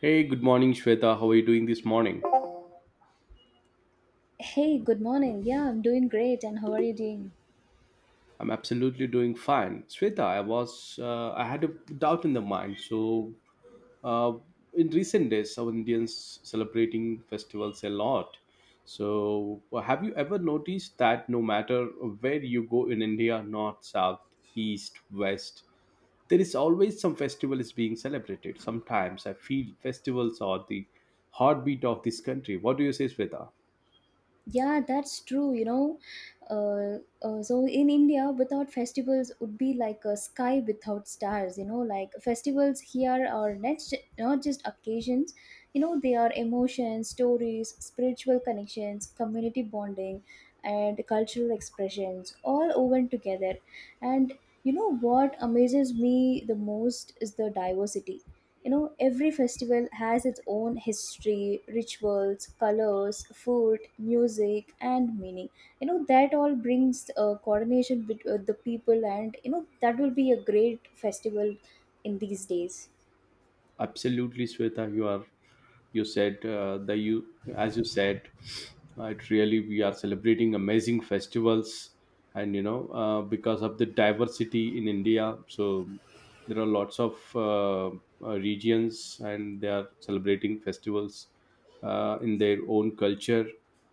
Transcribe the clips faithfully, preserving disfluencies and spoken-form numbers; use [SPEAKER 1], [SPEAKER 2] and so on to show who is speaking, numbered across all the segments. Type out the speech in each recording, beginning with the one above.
[SPEAKER 1] Hey, good morning, Shweta. How are you doing this morning?
[SPEAKER 2] Hey, good morning. Yeah, I'm doing great. And how are you doing?
[SPEAKER 1] I'm absolutely doing fine. Shweta, I was, uh, I had a doubt in the mind. So, uh, in recent days, our Indians celebrating festivals a lot. So, have you ever noticed that no matter where you go in India, north, south, east, west, there is always some festival is being celebrated. Sometimes I feel festivals are the heartbeat of this country. What do you say, Shweta?
[SPEAKER 2] Yeah, that's true. You know, uh, uh, so in India, without festivals would be like a sky without stars. You know, like festivals here are next, not just occasions. You know, they are emotions, stories, spiritual connections, community bonding, and cultural expressions all woven together. And you know what amazes me the most is the diversity. You know, every festival has its own history, rituals, colors, food, music, and meaning. You know, that all brings uh, coordination with uh, the people, and you know, that will be a great festival in these days.
[SPEAKER 1] Absolutely, Sweta, you are, you said uh, the you as you said, uh, it really, we are celebrating amazing festivals. And you know, uh, because of the diversity in India, so there are lots of uh, uh, regions and they are celebrating festivals uh, in their own culture.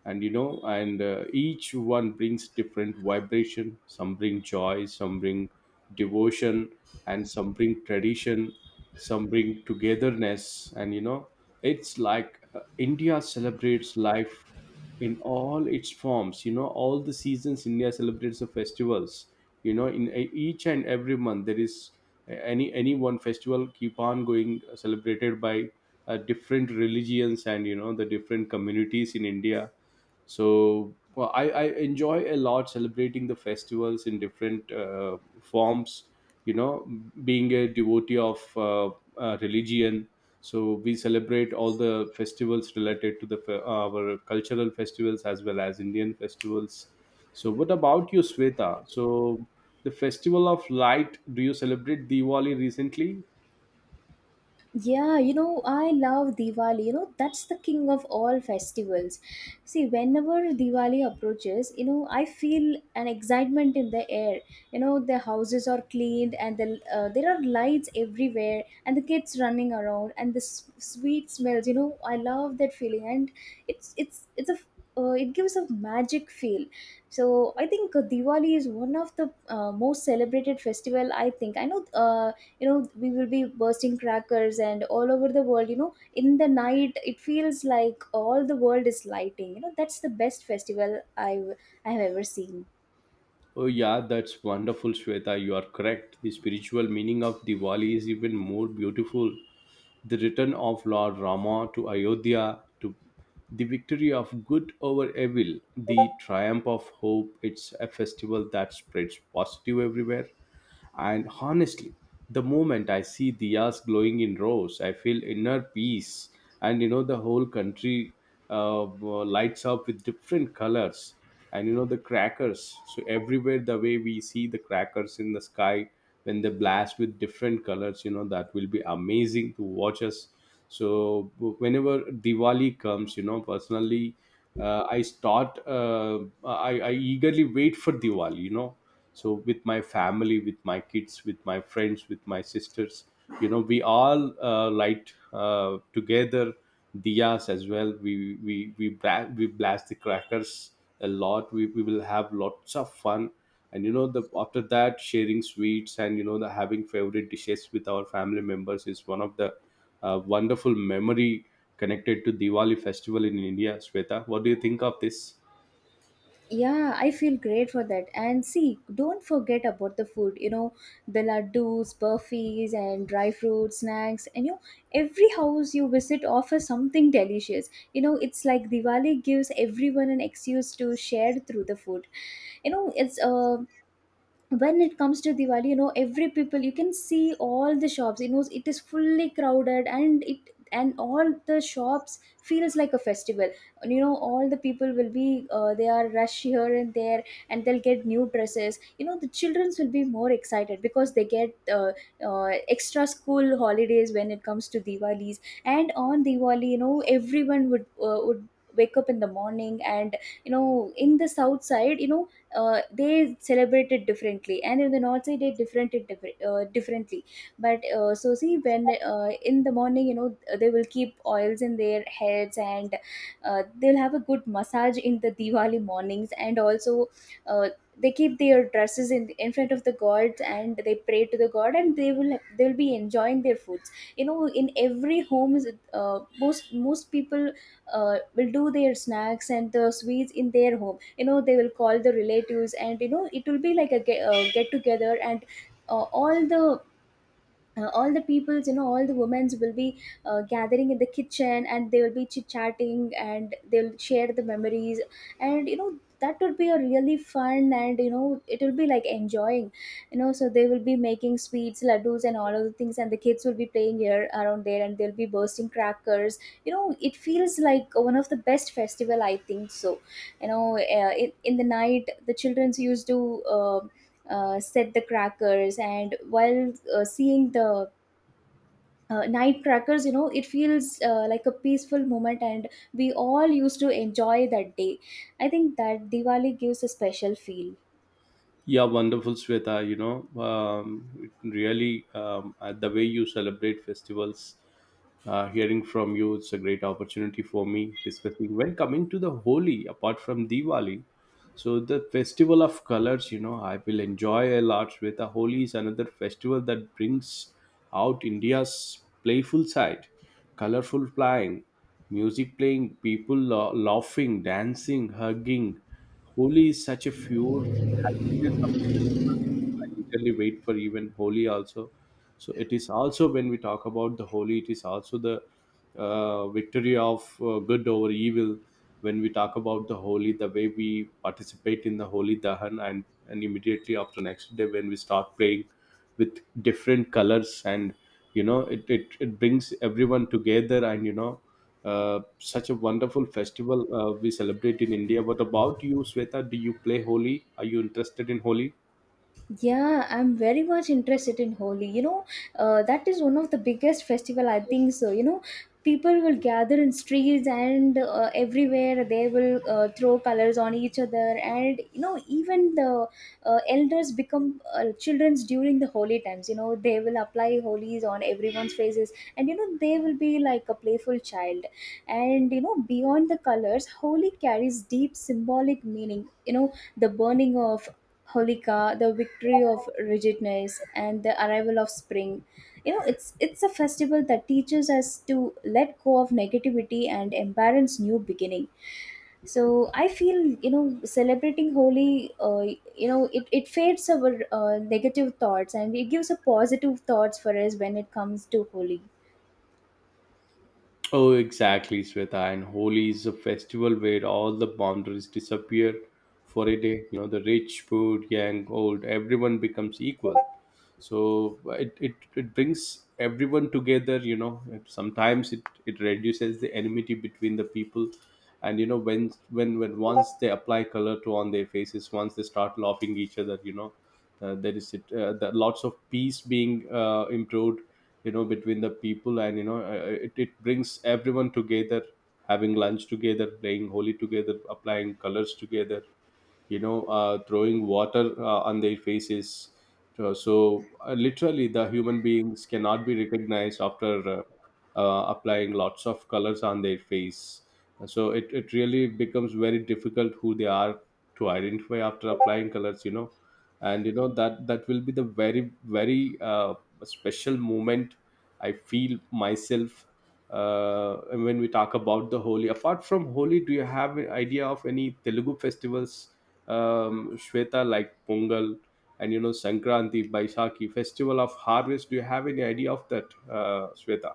[SPEAKER 1] And you know, and uh, each one brings different vibration. Some bring joy, some bring devotion, and some bring tradition, some bring togetherness. And you know, it's like uh, India celebrates life in all its forms. You know, all the seasons India celebrates the festivals. You know, in e- each and every month there is eh, any any one festival keep on going, uh, celebrated by uh, different religions, and you know, the different communities in India. So well, I, I enjoy a lot celebrating the festivals in different uh, forms, you know, being a devotee of uh, uh, religion. So we celebrate all the festivals related to the fe- our cultural festivals as well as Indian festivals. So what about you, Sweta? So the festival of light, do you celebrate Diwali recently?
[SPEAKER 2] Yeah, you know, I love Diwali. You know, that's the king of all festivals. See, whenever Diwali approaches, you know, I feel an excitement in the air. You know, the houses are cleaned and the, uh, there are lights everywhere and the kids running around and the s- sweet smells. You know, I love that feeling, and it's it's it's a uh, it gives a magic feel. So I think uh, Diwali is one of the uh, most celebrated festival I think I know, uh, you know, we will be bursting crackers and all over the world. You know, in the night, it feels like all the world is lighting. You know, that's the best festival i have i have ever seen.
[SPEAKER 1] Oh, yeah, that's wonderful, Shweta. You are correct. The spiritual meaning of Diwali is even more beautiful. The return of Lord Rama to Ayodhya, to the victory of good over evil, the triumph of hope. It's a festival that spreads positive everywhere. And honestly, the moment I see diyas glowing in rows, I feel inner peace. And you know, the whole country uh, lights up with different colors. And you know, the crackers. So, everywhere, the way we see the crackers in the sky when they blast with different colors, you know, that will be amazing to watch us. So, whenever Diwali comes, you know, personally, uh, I start, uh, I, I eagerly wait for Diwali, you know, so with my family, with my kids, with my friends, with my sisters, you know, we all uh, light uh, together diyas. As well, we we we, bla- we blast the crackers a lot. We, we will have lots of fun. And you know, the after that sharing sweets, and you know, the having favorite dishes with our family members is one of the uh, wonderful memory connected to Diwali festival in India. Sweta, what do you think of this?
[SPEAKER 2] Yeah, I feel great for that. And see, don't forget about the food. You know, the laddus, burfis, and dry fruit snacks. And you know, every house you visit offers something delicious. You know, it's like Diwali gives everyone an excuse to share through the food. You know, it's uh, when it comes to Diwali, you know, every people, you can see all the shops, you know, it is fully crowded, and it and all the shops feels like a festival. You know, all the people will be, uh, they are rush here and there, and they'll get new dresses. You know, the childrens will be more excited because they get uh, uh, extra school holidays when it comes to Diwalis. And on Diwali, you know, everyone would uh, would wake up in the morning. And you know, in the south side, you know, uh, they celebrate it differently, and in the north side, they different it differ- uh, differently. But uh, so, see, when, uh, in the morning, you know, they will keep oils in their heads, and uh, they'll have a good massage in the Diwali mornings. And also, uh, they keep their dresses in, in front of the gods, and they pray to the god, and they will they'll be enjoying their foods. You know, in every homes uh, most most people uh, will do their snacks and the sweets in their home. You know, they will call the relatives, and you know, it will be like a get, uh, get together. And uh, all the uh, all the peoples, you know, all the women's will be uh, gathering in the kitchen, and they will be chit chatting, and they'll share the memories. And you know, that would be a really fun. And you know, it will be like enjoying. You know, so they will be making sweets, laddus, and all of the things, and the kids will be playing here around there, and they'll be bursting crackers. You know, it feels like one of the best festival I think so. You know, uh, in, in the night, the childrens used to uh, uh, set the crackers. And while uh, seeing the uh, night crackers, you know, it feels uh, like a peaceful moment, and we all used to enjoy that day. I think that Diwali gives a special feel.
[SPEAKER 1] Yeah, wonderful, Sweta. You know, um, it really, um, uh, the way you celebrate festivals, uh, hearing from you, it's a great opportunity for me discussing. When coming to the Holi, apart from Diwali, so the festival of colors, you know, I will enjoy a lot. Sweta, Holi is another festival that brings out India's playful side, colorful flying, music playing, people la- laughing, dancing, hugging. Holi is such a pure happiness of the festival. You know, I eagerly wait for even Holi also. So it is also, when we talk about the Holi, it is also the uh, victory of uh, good over evil. When we talk about the Holi, the way we participate in the Holi Dahan, and and immediately after next day when we start playing with different colors. And you know it, it, it brings everyone together. And you know, uh, such a wonderful festival uh, we celebrate in India. What about you, Sweta? Do you play Holi? Are you interested in Holi?
[SPEAKER 2] Yeah, I'm very much interested in Holi. You know, uh, that is one of the biggest festival I think so. You know, people will gather in streets, and uh, everywhere they will uh, throw colors on each other. And you know, even the uh, elders become uh, childrens during the holy times. You know, they will apply holies on everyone's faces, and you know, they will be like a playful child. And you know, beyond the colors, Holi carries deep symbolic meaning. You know, the burning of Holika, the victory of rigidness, and the arrival of spring. You know, it's it's a festival that teaches us to let go of negativity and embrace new beginning. So I feel, you know, celebrating Holi, uh, you know, it, it fades our uh, negative thoughts, and it gives a positive thoughts for us when it comes to Holi.
[SPEAKER 1] Oh, exactly, Sweta. And Holi is a festival where all the boundaries disappear for a day. You know, the rich, poor, young, old, everyone becomes equal. So it, it, it brings everyone together. You know, It- sometimes it, it reduces the enmity between the people. And you know, when when when once they apply color to on their faces, once they start laughing each other, you know, uh, there is it, uh, the, lots of peace being uh, improved, you know, between the people. And you know, uh, uh, it, it brings everyone together, having lunch together, playing holy together, applying colors together, you know, uh, throwing water uh, on their faces. So so, uh, literally, the human beings cannot be recognized after uh, uh, applying lots of colors on their face. So it, it really becomes very difficult who they are to identify after applying colors, you know. And you know that that will be the very very uh, special moment I feel myself. Uh, and when we talk about the Holi, apart from Holi, do you have an idea of any Telugu festivals, um, Shweta, like Pongal and you know Sankranti, Baisakhi, festival of harvest? Do you have any idea of that, uh, Shweta?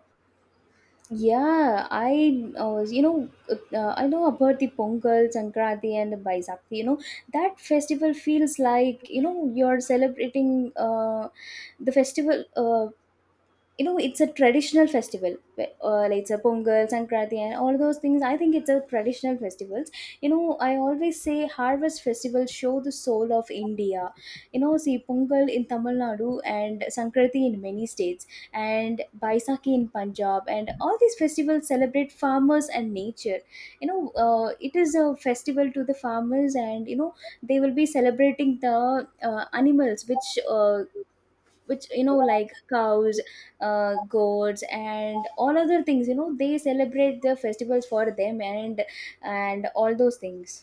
[SPEAKER 2] Yeah, I uh, you know, uh, I know about the Pongal, Sankranti, and the. You know, that festival feels like, you know, you're celebrating uh, the festival. Uh, you know, it's a traditional festival, wh- uh, like it's a Pongal, Sankranti, and all those things. I think it's a traditional festivals. You know, I always say harvest festivals show the soul of India. You know, see, Pongal in Tamil Nadu, and Sankranti in many states, and Baisakhi in Punjab, and all these festivals celebrate farmers and nature. You know, uh, it is a festival to the farmers. And you know, they will be celebrating the uh, animals, which uh, which you know, like cows, uh, goats, and all other things. You know, they celebrate the festivals for them, and and all those things.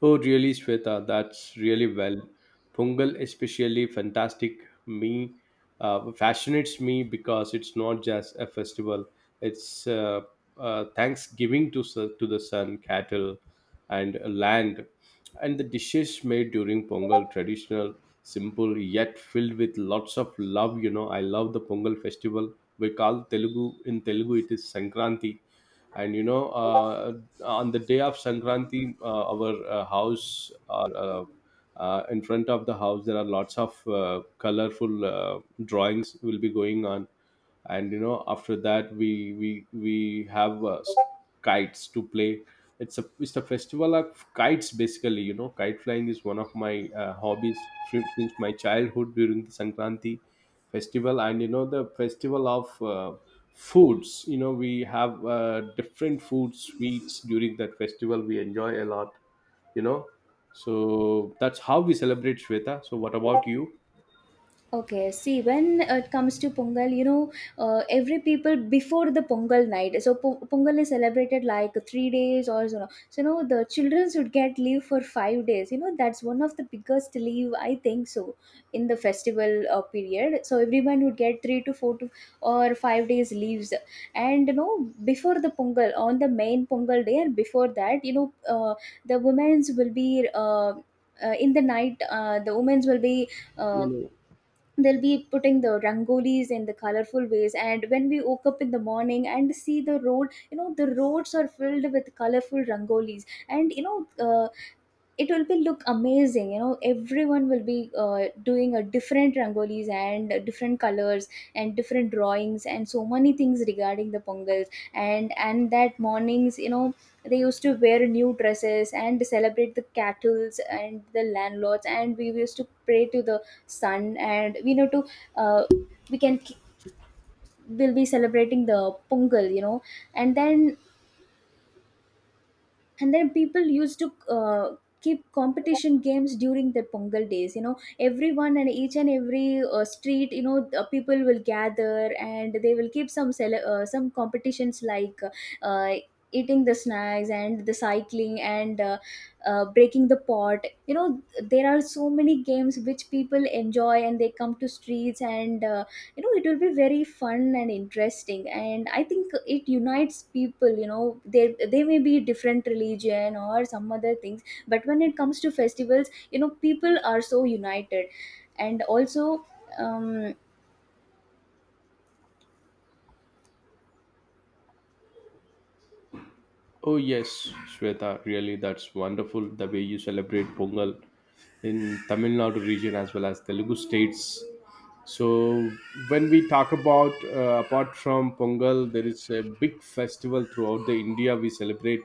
[SPEAKER 1] Oh, really, Shweta, that's really well. Pungal, especially fantastic, me uh, fascinates me because it's not just a festival. It's uh, uh, thanksgiving to su- to the sun, cattle, and land, and the dishes made during Pongal, traditional, simple yet filled with lots of love. You know, I love the Pongal festival. We call Telugu, in Telugu it is Sankranti. And you know, uh, on the day of Sankranti, uh, our uh, house, or uh, uh, in front of the house there are lots of uh, colorful uh, drawings will be going on. And you know, after that we we we have uh, kites to play. It's a it's a festival of kites basically. You know, kite flying is one of my uh, hobbies since my childhood during the Sankranti festival. And you know, the festival of uh, foods, you know, we have uh, different food sweets during that festival. We enjoy a lot, you know. So that's how we celebrate, Shweta. So what about you?
[SPEAKER 2] Okay, see, when it comes to Pongal, you know, uh, every people, before the Pongal night, so po- Pongal is celebrated like three days or so. So, you know, the children should get leave for five days. You know, that's one of the biggest leave, I think so, in the festival uh, period. So, everyone would get three to four to or five days leaves. And, you know, before the Pongal, on the main Pongal day and before that, you know, uh, the women's will be. Uh, uh, in the night, uh, the women's will be uh,
[SPEAKER 1] You know.
[SPEAKER 2] they'll be putting the rangolis in the colorful ways. And when we woke up in the morning and see the road, you know, the roads are filled with colorful rangolis. And you know, uh, it will be look amazing. You know, everyone will be uh, doing a different rangolis, and different colors, and different drawings, and so many things regarding the Pongals. And and that mornings, you know, they used to wear new dresses and celebrate the cattles and the landlords, and we used to pray to the sun. And we know to, uh, we can we'll be celebrating the Pongal. You know, and then and then people used to uh, keep competition games during the Pongal days. You know, everyone, and each and every uh, street, you know, the people will gather, and they will keep some cele- uh, some competitions, like uh, eating the snacks, and the cycling, and uh, uh, breaking the pot. You know, there are so many games which people enjoy, and they come to streets. And uh, you know, it will be very fun and interesting. And I think it unites people. You know, they they may be different religion or some other things, but when it comes to festivals, you know, people are so united. And also, um
[SPEAKER 1] Oh, yes, Shweta, really, that's wonderful, the way you celebrate Pongal in Tamil Nadu region as well as Telugu states. So when we talk about uh, apart from Pongal, there is a big festival throughout the India we celebrate.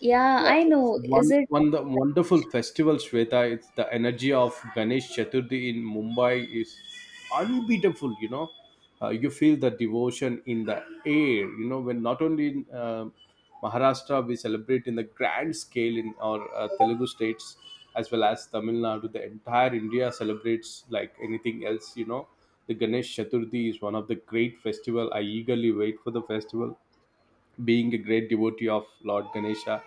[SPEAKER 2] yeah,
[SPEAKER 1] Yeah,
[SPEAKER 2] I
[SPEAKER 1] it's
[SPEAKER 2] know, is
[SPEAKER 1] one
[SPEAKER 2] it?
[SPEAKER 1] one the wonderful festival, Shweta. It's the energy of Ganesh Chaturthi in Mumbai is unbeatable. You know, uh, you feel the devotion in the air. You know, when not only in uh, Maharashtra we celebrate in the grand scale in our uh, Telugu states as well as Tamil Nadu, the entire India celebrates like anything else. You know, the Ganesh Chaturthi is one of the great festival. I eagerly wait for the festival, being a great devotee of Lord Ganesha.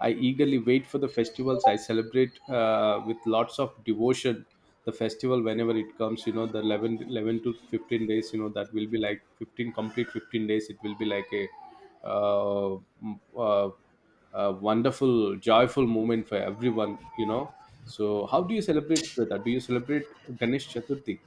[SPEAKER 1] I eagerly wait for the festivals. I celebrate uh, with lots of devotion the festival whenever it comes. You know, the eleven, eleven to fifteen days, you know, that will be like fifteen complete fifteen days. It will be like a uh, m- uh, a wonderful, joyful moment for everyone, you know. So, how do you celebrate with that? Do you celebrate Ganesh Chaturthi?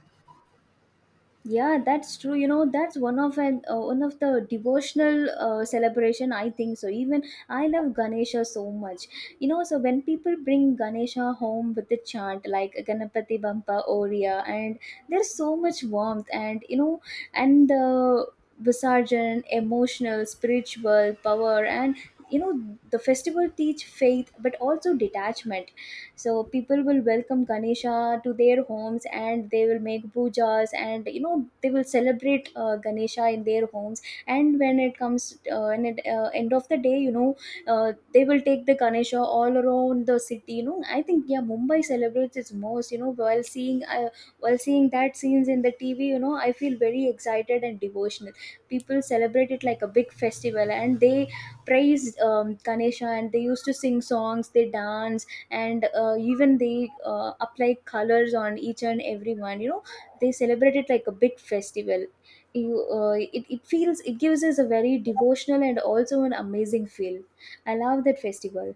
[SPEAKER 2] Yeah, that's true. You know, that's one of an uh, one of the devotional uh, celebration, I think so. Even I love Ganesha so much. You know, so when people bring Ganesha home with the chant like Ganapati Bampa Oriya, and there's so much warmth. And you know, and the Visarjan, emotional, spiritual power. And you know, the festival teach faith, but also detachment. So people will welcome Ganesha to their homes, and they will make pujas. And you know, they will celebrate uh, Ganesha in their homes. And when it comes uh, and at uh, end of the day, you know, uh, they will take the Ganesha all around the city. You know, I think, yeah, Mumbai celebrates its most. You know, while seeing uh, while seeing that scenes in the TV, you know, I feel very excited and devotional. People celebrate it like a big festival, and they praise um, Ganesha. And they used to sing songs, they dance. And uh, even they uh, apply colors on each and every one. You know, they celebrate it like a big festival. You uh, it, it feels, it gives us a very devotional and also an amazing feel. I love that festival.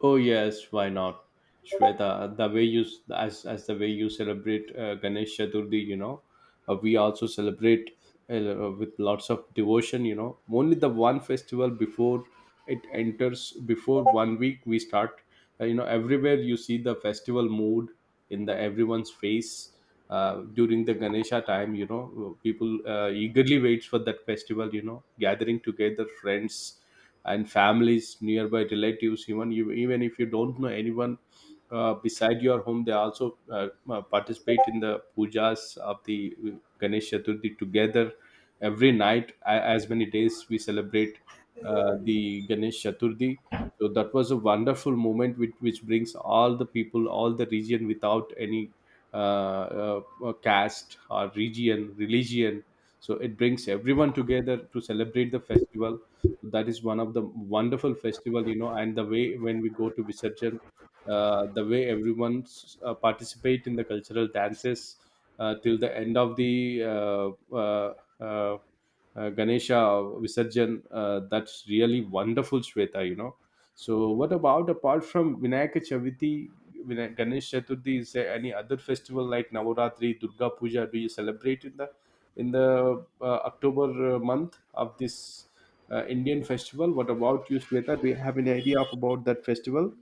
[SPEAKER 1] Oh, yes, why not? Shweta, the way you, as as the way you celebrate uh, Ganesh Chaturthi, you know, uh, we also celebrate uh, with lots of devotion. You know, only the one festival before it enters, before one week we start. Uh, you know, everywhere you see the festival mood in the everyone's face uh, during the Ganesha time. You know, uh, people uh, eagerly waits for that festival. You know, gathering together, friends and families, nearby relatives. Even you, even if you don't know anyone uh, beside your home, they also uh, uh, participate in the pujas of the Ganesh Chaturthi together every night, a- as many days we celebrate uh, the Ganesh Chaturthi. So that was a wonderful moment which, which brings all the people, all the region without any uh, uh, uh, caste or region religion. So it brings everyone together to celebrate the festival. That is one of the wonderful festival, you know. And the way when we go to Visarjan, uh, the way everyone s- uh, participate in the cultural dances uh, till the end of the uh, uh, uh, uh, Ganesha Visarjan. Uh, that's really wonderful, Shweta, you know. So, what about, apart from Vinayaka Chaviti, Vinay- Ganesh Chaturthi? Is there any other festival like Navaratri, Durga Puja? Do you celebrate in the in the uh, October uh, month of this uh, Indian festival? What about you, Shweta? Do you have any idea of about that festival?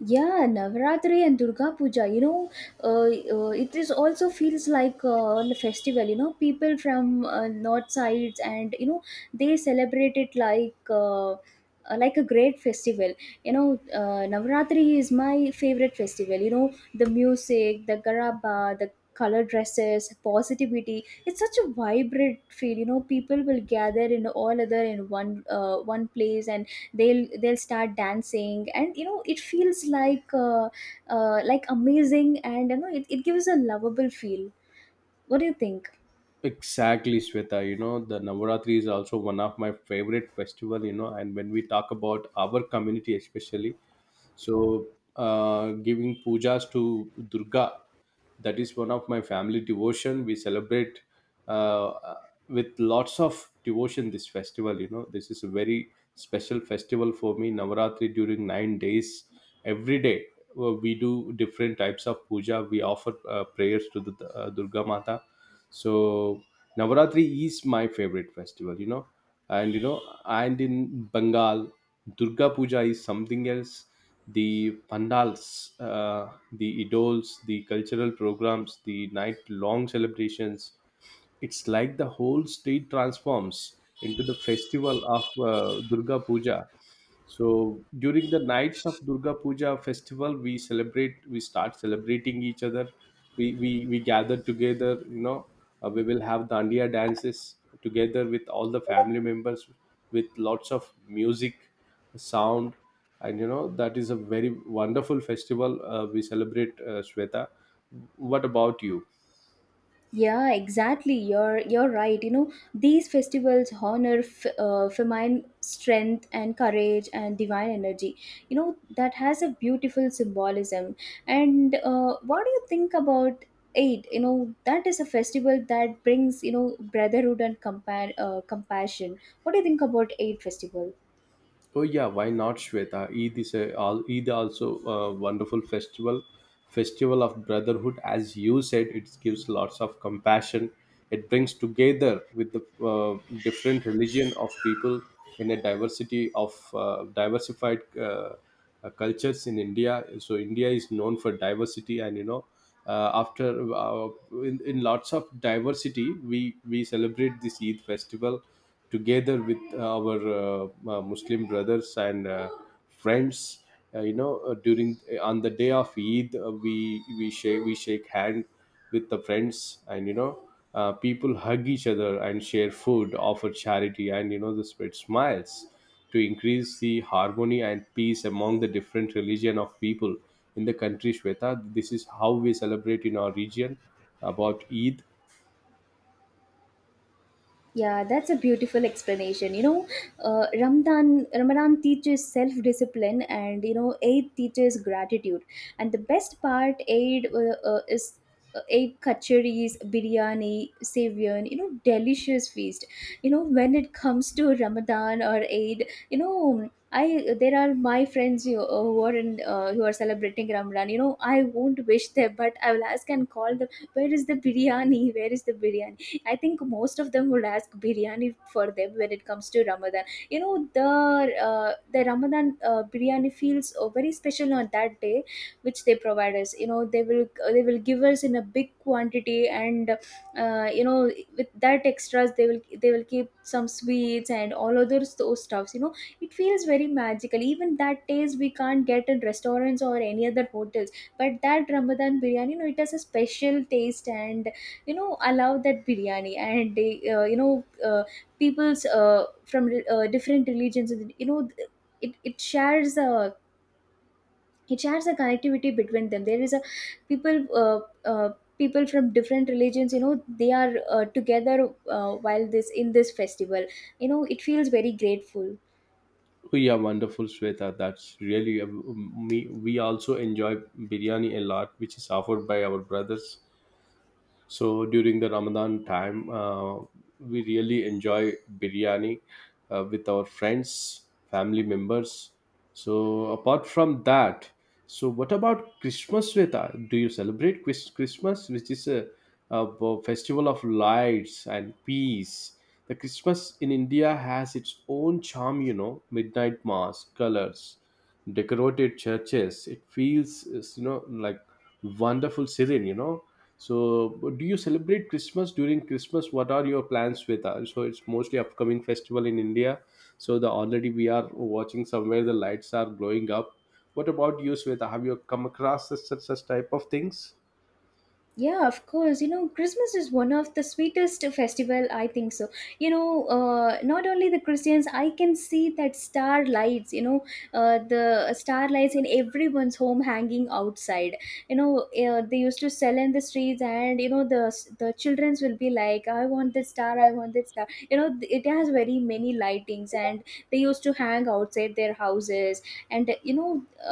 [SPEAKER 2] Yeah, Navaratri and Durga Puja, you know, uh, uh, it is also feels like uh, a festival. You know, people from, uh, north sides, and you know, they celebrate it like uh, uh, like a great festival. You know, uh, Navaratri is my favorite festival. You know, the music, the garaba, the color dresses, positivity. It's such a vibrant feel, you know, people will gather in all other in one uh, one place and they'll they'll start dancing, and you know it feels like uh, uh, like amazing. And you know it, it gives a lovable feel. What do you think?
[SPEAKER 1] Exactly, Sweta. You know, the Navaratri is also one of my favorite festival, you know, and when we talk about our community especially, so uh, giving pujas to Durga, that is one of my family devotion we celebrate uh, with lots of devotion this festival. You know, this is a very special festival for me. Navaratri, during nine days every day, uh, we do different types of puja. We offer uh, prayers to the uh, Durga Mata. So Navaratri is my favorite festival, you know. And you know, and in Bengal, Durga Puja is something else. The pandals, uh, the idols, the cultural programs, the night long celebrations. It's like the whole state transforms into the festival of uh, Durga Puja. So during the nights of Durga Puja festival, we celebrate, we start celebrating each other. We, we, we gather together, you know, uh, we will have dandiya dances together with all the family members, with lots of music, sound. And you know, that is a very wonderful festival uh, we celebrate, uh, Shweta. What about you?
[SPEAKER 2] Yeah, exactly, you're you're right. You know, these festivals honor f- uh, feminine strength and courage and divine energy. You know, that has a beautiful symbolism. And uh, what do you think about Eid? You know, that is a festival that brings, you know, brotherhood and compa- uh, compassion. What do you think about Eid festival?
[SPEAKER 1] Oh yeah, why not, Shweta? Eid is a al- Eid also a wonderful festival, festival of brotherhood. As you said, it gives lots of compassion. It brings together with the uh, different religion of people in a diversity of uh, diversified uh, uh, cultures in India. So India is known for diversity, and you know, uh, after uh, in, in lots of diversity, we we celebrate this Eid festival together with uh, our uh, uh, Muslim brothers and uh, friends. Uh, you know, uh, during uh, on the day of Eid, uh, we we shake we shake hand with the friends, and you know, uh, people hug each other and share food, offer charity, and you know, the spread smiles to increase the harmony and peace among the different religion of people in the country. Shweta, this is how we celebrate in our region about Eid.
[SPEAKER 2] Yeah, that's a beautiful explanation. You know, uh, Ramadan Ramadan teaches self discipline, and you know, Eid teaches gratitude. And the best part, Eid uh, uh, is uh, Eid kacheris, biryani, savian. You know, delicious feast. You know, when it comes to Ramadan or Eid, you know. I, there are my friends you, uh, who are in, uh, who are celebrating Ramadan. You know, I won't wish them, but I will ask and call them. Where is the biryani? Where is the biryani? I think most of them would ask biryani for them when it comes to Ramadan. You know, the uh, the Ramadan uh, biryani feels uh, very special on that day, which they provide us. You know, they will uh, they will give us in a big quantity, and uh, you know, with that extras, they will they will keep some sweets and all others those stuffs. You know, it feels very magical. Even that taste we can't get in restaurants or any other hotels, but that Ramadan biryani, you know, it has a special taste. And you know, I love that biryani. And they uh, you know, uh, people's uh, from uh, different religions, you know, it, it shares a, it shares a connectivity between them. There is a people uh, uh, people from different religions, you know, they are uh, together uh, while this in this festival. You know, it feels very grateful.
[SPEAKER 1] Yeah, wonderful, Shweta. That's really um, um, me. We also enjoy biryani a lot, which is offered by our brothers. So during the Ramadan time, uh, we really enjoy biryani uh, with our friends, family members. So apart from that, so what about Christmas, Sweta? Do you celebrate Chris- Christmas, which is a, a festival of lights and peace? The Christmas in India has its own charm, you know, midnight mass, colors, decorated churches. It feels, you know, like wonderful serene, you know. So, do you celebrate Christmas? During Christmas, what are your plans with us? So, it's mostly upcoming festival in India. So, the already we are watching somewhere the lights are glowing up. What about you, Sweta? Have you come across such such, such type of things?
[SPEAKER 2] Yeah, of course. You know, Christmas is one of the sweetest festival, I think so. You know, uh, not only the Christians, I can see that star lights. You know, uh, the star lights in everyone's home hanging outside. You know, uh, they used to sell in the streets, and you know, the the childrens will be like, "I want this star. I want this star." You know, it has very many lightings, and they used to hang outside their houses. And you know,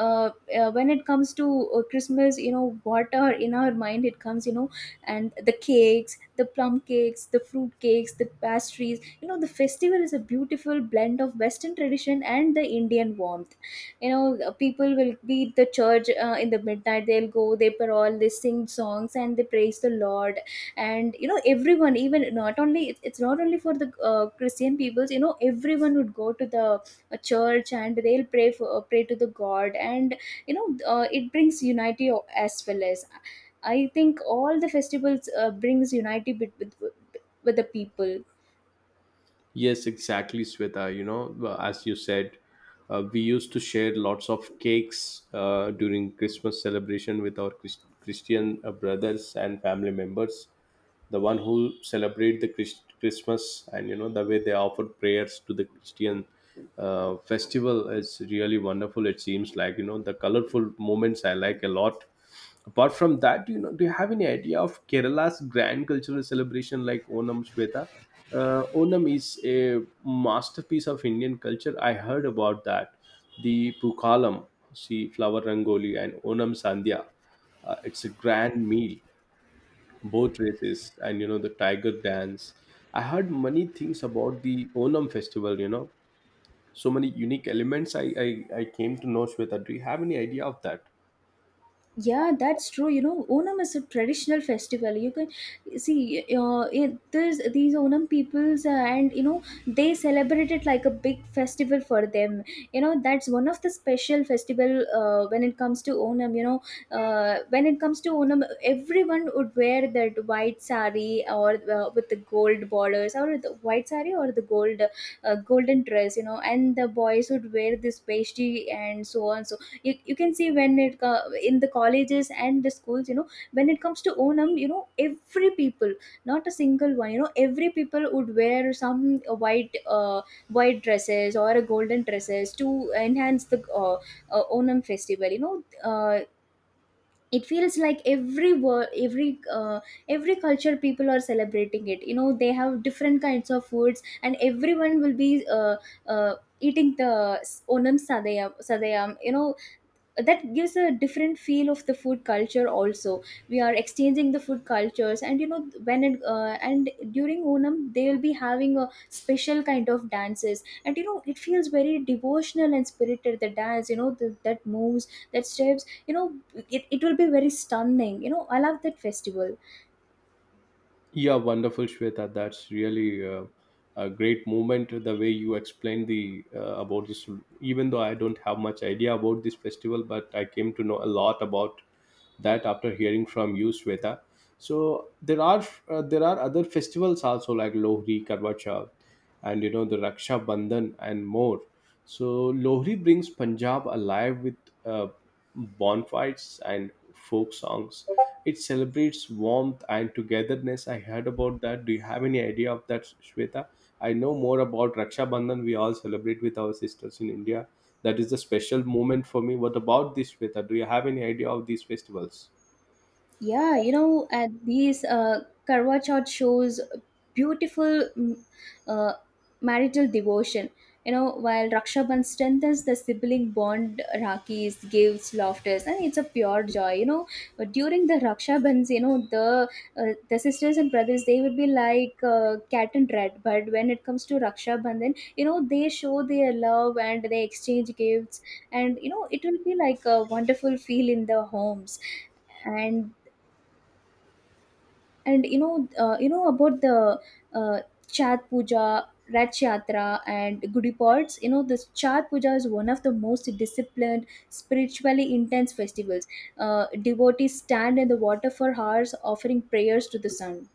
[SPEAKER 2] uh, uh, when it comes to uh, Christmas, you know, what are in our mind, it comes, you know, and the cakes, the plum cakes, the fruit cakes, the pastries. You know, the festival is a beautiful blend of Western tradition and the Indian warmth. You know, uh, people will be at the church uh, in the midnight, they'll go, they parole, they sing songs, and they praise the Lord. And, you know, everyone, even not only, it- it's not only for the uh, Christian peoples. You know, everyone would go to the a church and they'll pray for uh, pray to the god. And you know uh, it brings unity o- as well as, I think all the festivals uh, brings unity bet- with with the people.
[SPEAKER 1] Yes, exactly, Sweta. You know, uh, as you said, uh, we used to share lots of cakes uh, during Christmas celebration with our Chris- Christian uh, brothers and family members. The one who celebrate the Christ- Christmas, and you know the way they offer prayers to the Christian uh, festival is really wonderful. It seems like, you know, the colorful moments I like a lot. Apart from that, do you know, do you have any idea of Kerala's grand cultural celebration like Onam, Shweta? Uh, Onam is a masterpiece of Indian culture. I heard about that. The Pukalam, see flower rangoli and Onam Sandhya. Uh, it's a grand meal, boat races, and you know the tiger dance. I heard many things about the Onam festival. You know, so many unique elements. I I, I came to know, Shweta. Do you have any idea of that?
[SPEAKER 2] Yeah, that's true. You know, Onam is a traditional festival. You can see uh, it, this, these Onam peoples, uh, and you know, they celebrate it like a big festival for them. You know, that's one of the special festival uh, when it comes to Onam. You know, uh, when it comes to Onam, everyone would wear that white sari or uh, with the gold borders, or the white sari or the gold uh, golden dress. You know, and the boys would wear this pastry and so on. So you, you can see when it co- in the colleges and the schools, you know, when it comes to onam, you know, every people, not a single one, you know, every people would wear some uh, white uh, white dresses or a golden dresses to enhance the uh, uh, onam festival. You know, uh, it feels like every world, every uh, every culture people are celebrating it. You know, they have different kinds of foods and everyone will be uh, uh, eating the s- onam sadayam sadayam, you know, that gives a different feel of the food culture also. We are exchanging the food cultures. And you know, when it uh, and during onam they will be having a special kind of dances. And you know, it feels very devotional and spirited, the dance, you know, the, that moves, that steps, you know, it, it will be very stunning. You know, I love that festival.
[SPEAKER 1] Yeah, wonderful, Shweta. That's really uh, a great moment. The way you explained the uh, about this, even though I don't have much idea about this festival, but I came to know a lot about that after hearing from you, Shweta. So there are uh, there are other festivals also like Lohri, Karva Chauth, and you know the Raksha Bandhan and more. So Lohri brings Punjab alive with uh, bonfires and folk songs. It celebrates warmth and togetherness. I heard about that. Do you have any idea of that, Shweta? I know more about Raksha Bandhan. We all celebrate with our sisters in India. That is a special moment for me. What about this, Shweta? Do you have any idea of these festivals?
[SPEAKER 2] Yeah, you know, at these uh, Karwa Chauth shows beautiful mm, uh, marital devotion. You know, while Raksha Bandhan strengthens the sibling bond, Rakis gives laughters, and it's a pure joy. You know, but during the Raksha Bandhans, you know, the uh, the sisters and brothers, they would be like uh, cat and rat. But when it comes to Raksha Bandhan, you know, they show their love and they exchange gifts, and you know, it will be like a wonderful feel in the homes. and and you know uh, you know about the uh, chat puja, Raj Yatra and Gudi Pods. You know, this chat Puja is one of the most disciplined, spiritually intense festivals. Uh, devotees stand in the water for hours offering prayers to the sun.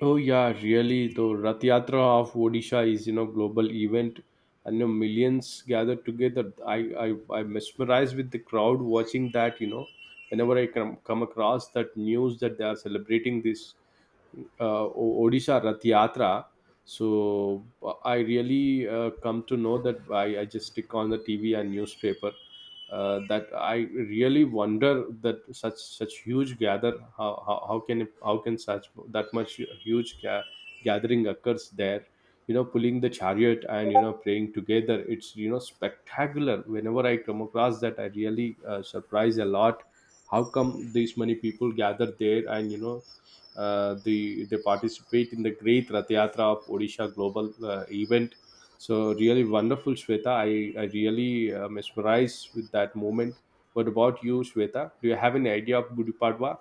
[SPEAKER 1] Oh yeah, really. The Rath Yatra of Odisha is, you know, global event, and you know, millions gather together. I I I mesmerized with the crowd watching that. You know, whenever I come come across that news that they are celebrating this uh, O- Odisha Rath Yatra. So uh, I really uh, come to know that, I, I just stick on the T V and newspaper uh, that I really wonder that such such huge gather, how, how, how can it- how can such that much huge ga- gathering occurs there, you know, pulling the chariot and you know praying together. It's, you know, spectacular. Whenever I come across that, I really uh, surprise a lot how come these many people gather there. And you know, uh, the they participate in the great Rath Yatra of Odisha global uh, event. So really wonderful, Shweta. I, I really uh, mesmerized with that moment. What about you, Shweta? Do you have any idea of Gudi Padwa?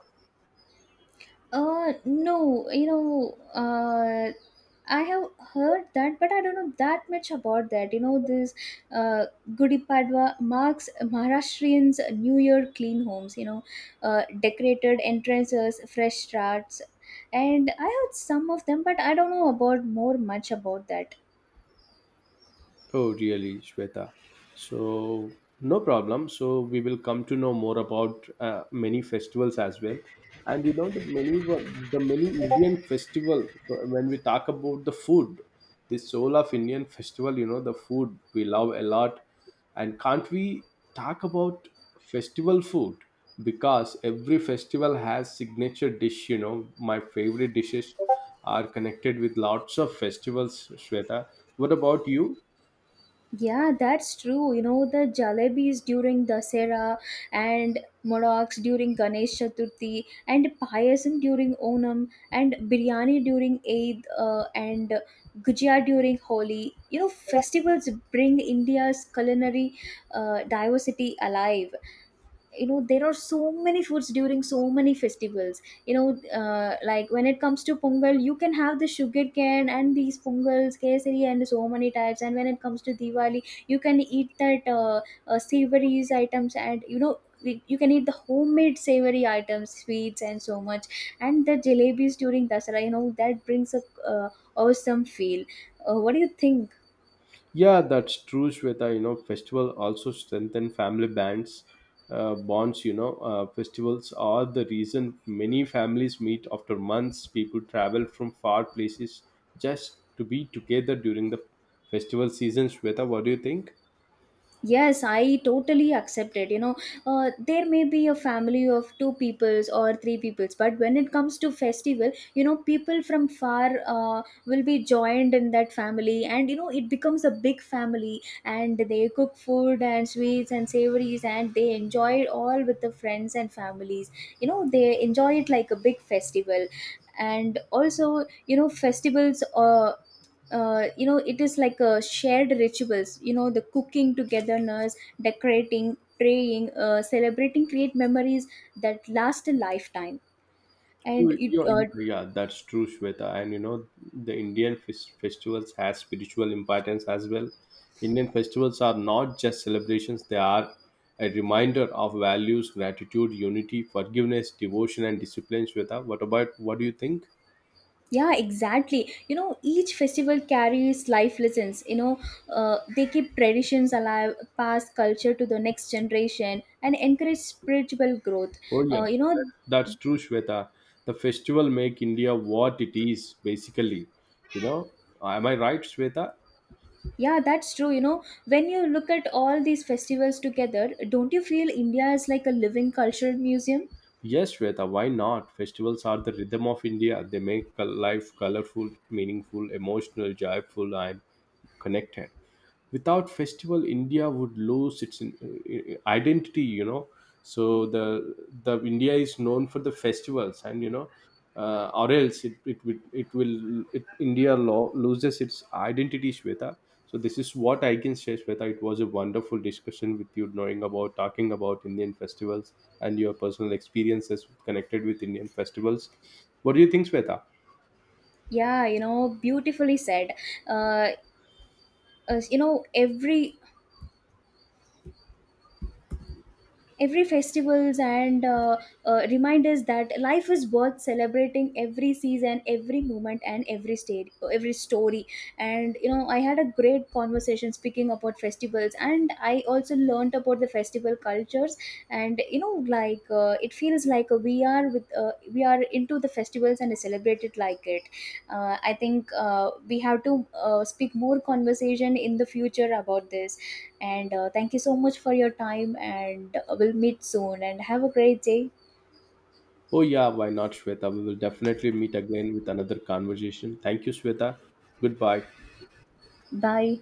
[SPEAKER 2] Uh, no, you know, uh, I have heard that, but I don't know that much about that. You know, this uh, Gudi Padwa marks Maharashtrians' New Year clean homes, you know, uh, decorated entrances, fresh starts. And I heard some of them, but I don't know about more much about that.
[SPEAKER 1] Oh, really, Shweta. So, no problem. So, we will come to know more about uh, many festivals as well. And you know, the many, one- the many Indian festival. So, when we talk about the food, the soul of Indian festival, you know, the food we love a lot. And can't we talk about festival food? Because every festival has signature dish. You know, my favorite dishes are connected with lots of festivals, Shweta. What about you?
[SPEAKER 2] Yeah, that's true. You know, the jalebis during Dasera and Modaks during Ganesh Chaturthi and Payasam during Onam and Biryani during Eid uh, and Gujia during Holi. You know, festivals bring India's culinary uh, diversity alive. You know, there are so many foods during so many festivals. You know, uh, like when it comes to pongal, you can have the sugar cane and these pongals kesari and so many types. And when it comes to diwali, you can eat that uh, uh, savory items. And you know, we- you can eat the homemade savory items, sweets and so much. And the jalebis during dasara, you know, that brings a uh, awesome feel. Uh, what do you think?
[SPEAKER 1] Yeah, that's true, Shweta. You know, festival also strengthen family bands, uh, bonds. You know, uh, festivals are the reason many families meet after months. People travel from far places just to be together during the festival season. Shweta, what do you think?
[SPEAKER 2] Yes, I totally accept it. You know, uh, there may be a family of two peoples or three peoples, but when it comes to festival, you know, people from far uh, will be joined in that family, and you know, it becomes a big family, and they cook food and sweets and savories, and they enjoy it all with the friends and families. You know, they enjoy it like a big festival. And also, you know, festivals uh, uh, you know, it is like a shared rituals. You know, the cooking togetherness, decorating, praying, uh, celebrating create memories that last a lifetime.
[SPEAKER 1] Yeah,
[SPEAKER 2] And it uh,
[SPEAKER 1] yeah, yeah, that's true, Shweta. And you know, the Indian fes- festivals has spiritual importance as well. Indian festivals are not just celebrations; they are a reminder of values, gratitude, unity, forgiveness, devotion, and discipline. Shweta, what about what do you think?
[SPEAKER 2] yeah, exactly. You know, each festival carries life lessons. You know, uh, they keep traditions alive, pass culture to the next generation and encourage spiritual growth.
[SPEAKER 1] Oh yeah,
[SPEAKER 2] uh, you know,
[SPEAKER 1] that's true, Shweta. The festival make India what it is, basically. You know, am I right, Shweta?
[SPEAKER 2] yeah, that's true. You know, when you look at all these festivals together, don't you feel india is like a living cultural museum?
[SPEAKER 1] Yes, Shweta, why not? Festivals are the rhythm of India. They make col- life colorful, meaningful, emotional, joyful, and connected. Without festival, India would lose its in- uh, uh, identity, you know. So the the India is known for the festivals. And you know, uh, or else it it will it will it, India law loses its identity, Shweta. So this is what I can say, Shweta. It was a wonderful discussion with you, knowing about talking about Indian festivals and your personal experiences connected with Indian festivals. What do you think, Shweta?
[SPEAKER 2] Yeah, you know, beautifully said. Uh, uh, you know, every every festivals and uh, uh, remind us that life is worth celebrating, every season, every moment and every state, every story. And you know, I had a great conversation speaking about festivals, and I also learned about the festival cultures. And you know, like uh, it feels like we are with uh, we are into the festivals and celebrate it like it. uh, I think uh, we have to uh, speak more conversation in the future about this. And uh, thank you so much for your time. And uh, we'll meet soon. And have a great day.
[SPEAKER 1] Oh, yeah, why not, Shweta? We will definitely meet again with another conversation. Thank you, Shweta. Goodbye.
[SPEAKER 2] Bye.